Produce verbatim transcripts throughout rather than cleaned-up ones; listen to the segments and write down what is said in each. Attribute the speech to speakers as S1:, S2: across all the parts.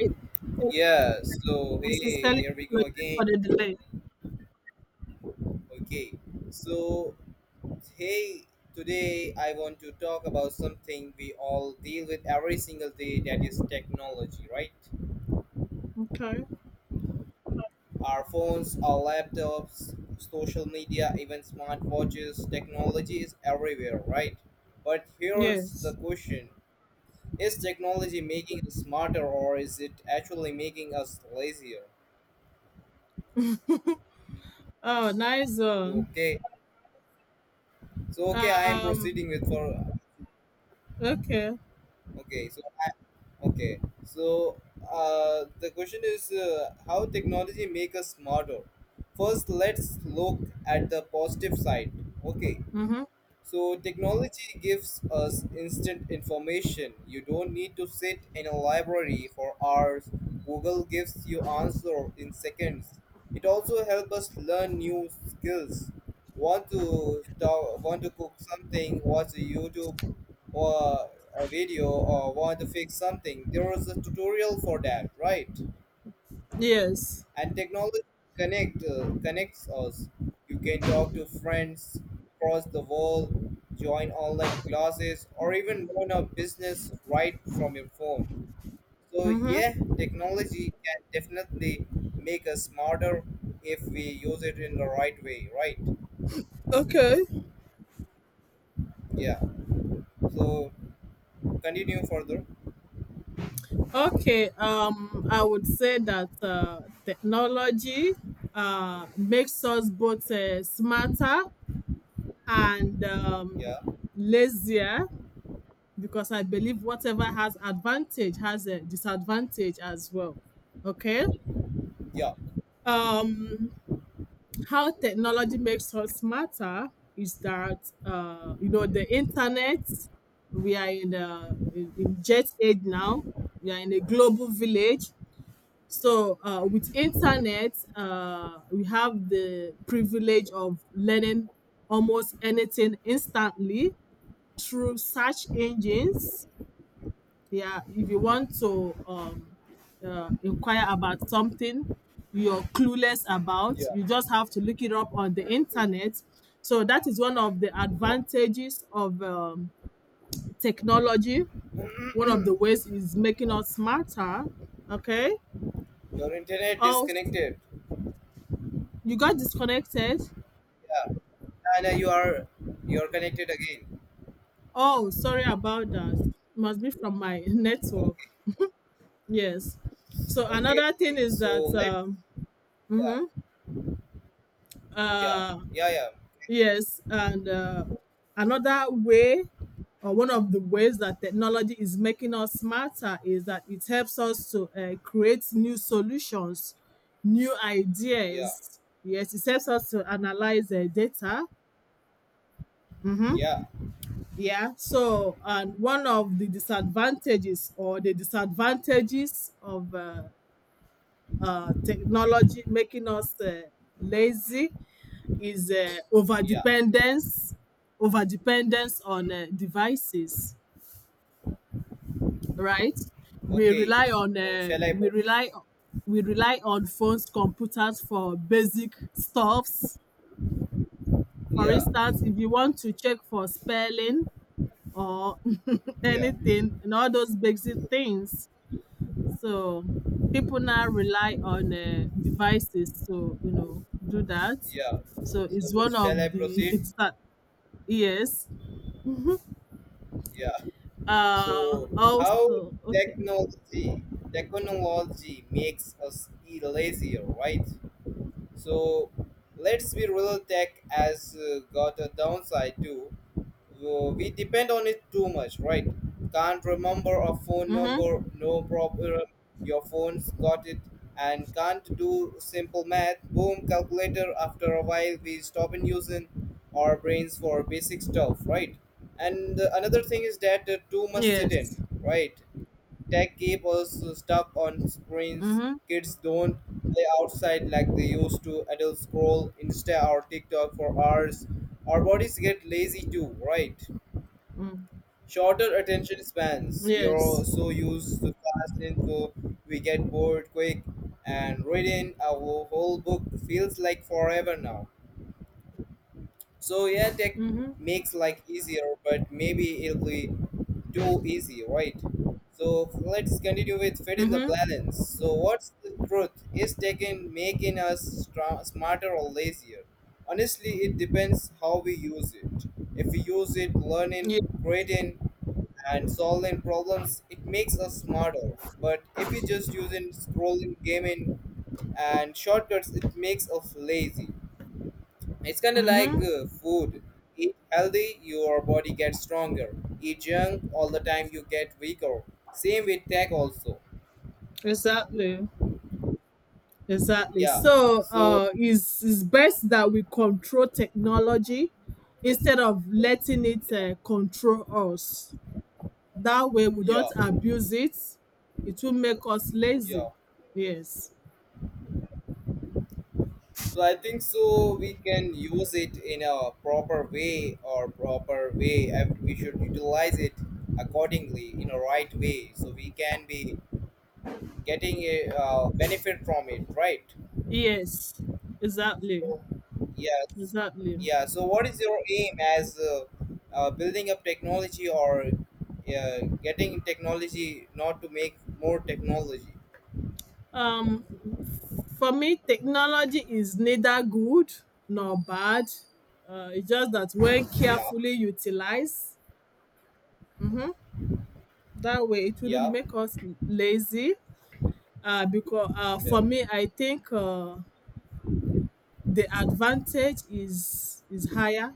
S1: Right. And
S2: Yeah, so hey, here we go again.
S1: for the delay.
S2: Okay, so hey, Today I want to talk about something we all deal with every single day, that is technology, right?
S1: Okay.
S2: Our phones, our laptops, social media, even smartwatches, technology is everywhere, right? But here's the
S1: Yes.
S2: question. Is technology making us smarter, or is it actually making us lazier?
S1: Oh, nice zone.
S2: Okay, so okay, I am
S1: Um.
S2: proceeding with for
S1: Okay.
S2: okay, so Okay, so uh, The question is, uh, how technology make us smarter. First, let's look at the positive side. Okay,
S1: Mhm.
S2: so technology gives us instant information. You don't need to sit in a library for hours. Google gives you answer in seconds. It also helps us learn new skills. Want to talk, want to cook something, watch a YouTube or a video, or want to fix something. There is a tutorial for that, right?
S1: Yes.
S2: And technology connect uh, connects us. You can talk to friends across the world, join online classes, or even run a business right from your phone. So
S1: Mhm.
S2: yeah, technology can definitely make us smarter if we use it in the right way, right?
S1: Okay.
S2: Yeah, so continue further.
S1: Okay. Um. I would say that uh, technology uh makes us both uh, smarter and um,
S2: Yeah,
S1: lazier, because I believe whatever has advantage has a disadvantage as well. Okay.
S2: yeah,
S1: Um. How technology makes us smarter is that uh, you know, the internet, we are in the in, in jet age now, we are in a global village. So uh, with internet, uh, we have the privilege of learning almost anything instantly through search engines. Yeah, if you want to um uh, inquire about something you're clueless about,
S2: yeah,
S1: you just have to look it up on the internet. So that is one of the
S2: yeah.
S1: advantages of um, technology, one of the ways is making us smarter. Okay.
S2: Your internet
S1: Oh, s-
S2: disconnected.
S1: you got disconnected.
S2: Yeah, and uh, you are you are connected again.
S1: Oh, sorry about that. Must be from my network.
S2: Okay.
S1: Yes. So
S2: Okay,
S1: another
S2: okay.
S1: thing is that
S2: So let's,
S1: um, mhm.
S2: yeah, yeah,
S1: uh,
S2: yeah, yeah,
S1: Yes, and uh, another way, or one of the ways that technology is making us smarter, is that it helps us to uh, create new solutions, new
S2: yeah,
S1: ideas. Yes, it helps us to analyze uh, data. Mm-hmm.
S2: yeah,
S1: Yeah. So, and one of the disadvantages, or the disadvantages of uh, uh, technology making us uh, lazy, is uh, over
S2: yeah.
S1: dependence, over dependence on uh, devices, right? we
S2: Okay.
S1: rely on
S2: So
S1: uh,
S2: shall I
S1: we
S2: proceed?
S1: rely we rely on phones, computers for basic stuffs. For
S2: Yeah,
S1: instance, if you want to check for spelling or
S2: yeah,
S1: anything and all those basic things, so people now rely on uh, devices to, you know, do that.
S2: yeah.
S1: So it's one
S2: So
S1: of
S2: shall I
S1: the
S2: proceed?
S1: it's that. Yes.
S2: Yeah.
S1: Uh,
S2: So how
S1: also, okay.
S2: technology technology makes us e- lazier, right? So let's be real. Tech has uh, got a downside too. Uh, We depend on it too much, right? Can't remember a phone
S1: Mm-hmm.
S2: number, no problem. Your phone's got it. And can't do simple math. Boom, calculator. After a while, we stop in using our brains for basic stuff, right? And uh, another thing is that uh, too much sit
S1: Yes.
S2: in, right? Tech keep us stuck on screens.
S1: Mm-hmm.
S2: Kids don't play outside like they used to. Adults scroll Insta or TikTok for hours. Our bodies get lazy too, right?
S1: Mm.
S2: Shorter attention spans. We are all
S1: Yes.
S2: so used to fast info, we get bored quick, and reading a whole book feels like forever now. So yeah, tech
S1: Mm-hmm.
S2: makes life easier, but maybe it'll be too easy, right? So let's continue with fit in the
S1: Mm-hmm.
S2: balance. So what's the truth? Is tech in making us stra- smarter or lazier? Honestly, it depends how we use it. If we use it learning,
S1: Yeah.
S2: creating, and solving problems, it makes us smarter. But if we just using scrolling, gaming, and shortcuts, it makes us lazy. It's kind of like
S1: Mm-hmm.
S2: uh, food. Eat healthy, your body gets stronger. Eat junk all the time, you get weaker. Same with tech also.
S1: Exactly. Exactly.
S2: Yeah.
S1: So,
S2: So,
S1: uh, it's, it's best that we control technology instead of letting it uh, control us. That way, we
S2: yeah,
S1: don't abuse it. It will make us
S2: yeah.
S1: lazy. Yes.
S2: So I think so we can use it in a proper way or proper way, and we should utilize it accordingly in a right way, so we can be getting a uh, benefit from it, right?
S1: Yes. Exactly.
S2: So, yes,
S1: Exactly.
S2: yeah. So, what is your aim as uh, uh, building up technology, or uh, getting technology, not to make more technology?
S1: Um, for me, technology is neither good nor bad. Uh, it's just that when
S2: Yeah,
S1: carefully utilized, mhm, that way it wouldn't
S2: yeah,
S1: make us lazy. Uh, because uh, for
S2: yeah,
S1: me, I think uh, the advantage is is higher.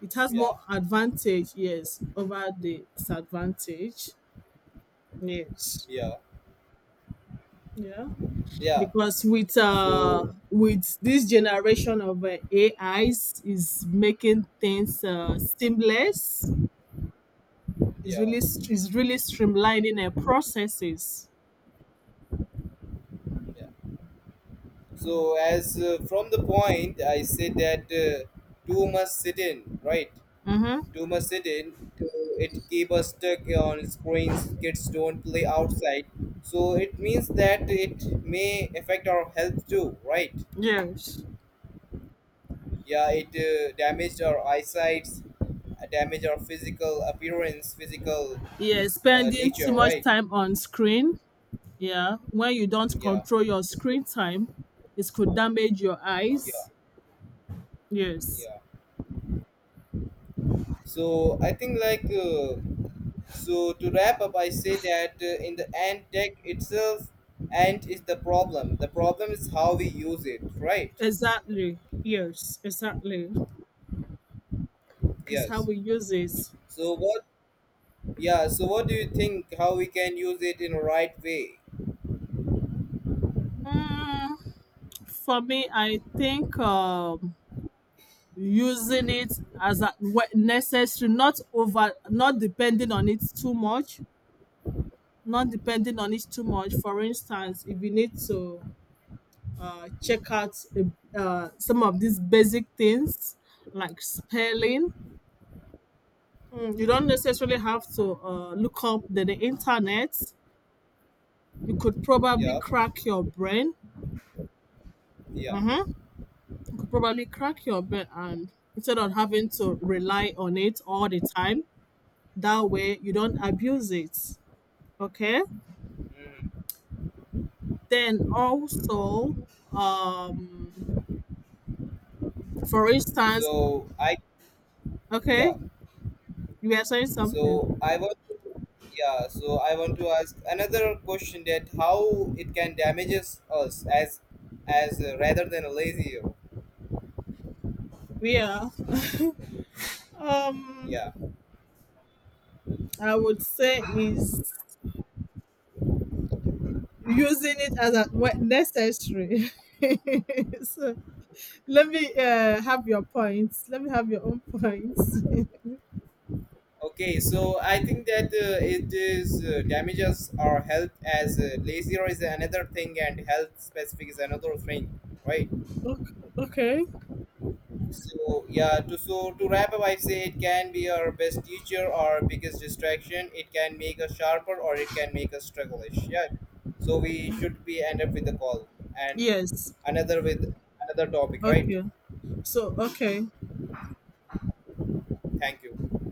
S1: It has
S2: yeah,
S1: more advantage, yes, over the disadvantage. Yes.
S2: yeah,
S1: Yeah.
S2: yeah.
S1: because with uh
S2: So,
S1: With this generation of uh, AIs is is making things uh, seamless. It's
S2: yeah,
S1: really str- it's really streamlining uh, processes.
S2: yeah. So, as uh, from the point I said that uh, two must sit in, right?
S1: Mm-hmm.
S2: Too much sitting to, it keep us stuck on screens, kids don't play outside, so it means that it may affect our health too, right?
S1: Yes.
S2: Yeah, it uh, damaged our eyesight, uh, damage our physical appearance, physical
S1: Yeah,
S2: uh,
S1: spending too
S2: nature,
S1: much
S2: right?
S1: time on screen. Yeah, when you don't
S2: Yeah,
S1: control your screen time, it could damage your
S2: yeah.
S1: eyes. Yes.
S2: Yeah, so I think like, uh, so to wrap up, I say that uh, in the end, tech itself and is the problem, the problem is how we use it, right?
S1: Exactly. Yes. Exactly. That's how
S2: Yes.
S1: we use it.
S2: So what? Yeah. So what do you think? How we can use it in a right way?
S1: Mm, for me, I think um using it as a, whe- necessary, not over, not depending on it too much, not depending on it too much. For instance, if you need to uh, check out uh, uh, some of these basic things like spelling, mm, you don't necessarily have to uh, look up the, the internet. You could probably
S2: Yeah.
S1: crack your brain.
S2: Yeah.
S1: Mhm. You could probably crack your brain, and instead of having to rely on it all the time, that way you don't abuse it. Okay.
S2: Mhm.
S1: Then also, um for instance,
S2: So I.
S1: okay,
S2: Yeah.
S1: you are saying something.
S2: So I want. To, yeah. So I want to ask another question, that how it can damages us as as uh, rather than a lazy.
S1: We are, um
S2: Yeah.
S1: I would say, is using it as a when necessary. So let me uh have your points, let me have your own points.
S2: Okay. So I think that uh, it is uh, damages our health as, uh, lazier is another thing, and health specific is another thing, right?
S1: Okay.
S2: So yeah, to so to wrap up, I say it can be our best teacher, our biggest distraction. It can make us sharper, or it can make us struggleish. Yeah, so we should be end up with the call, and
S1: Yes.
S2: another with another topic, right?
S1: Okay. So, okay.
S2: Thank you.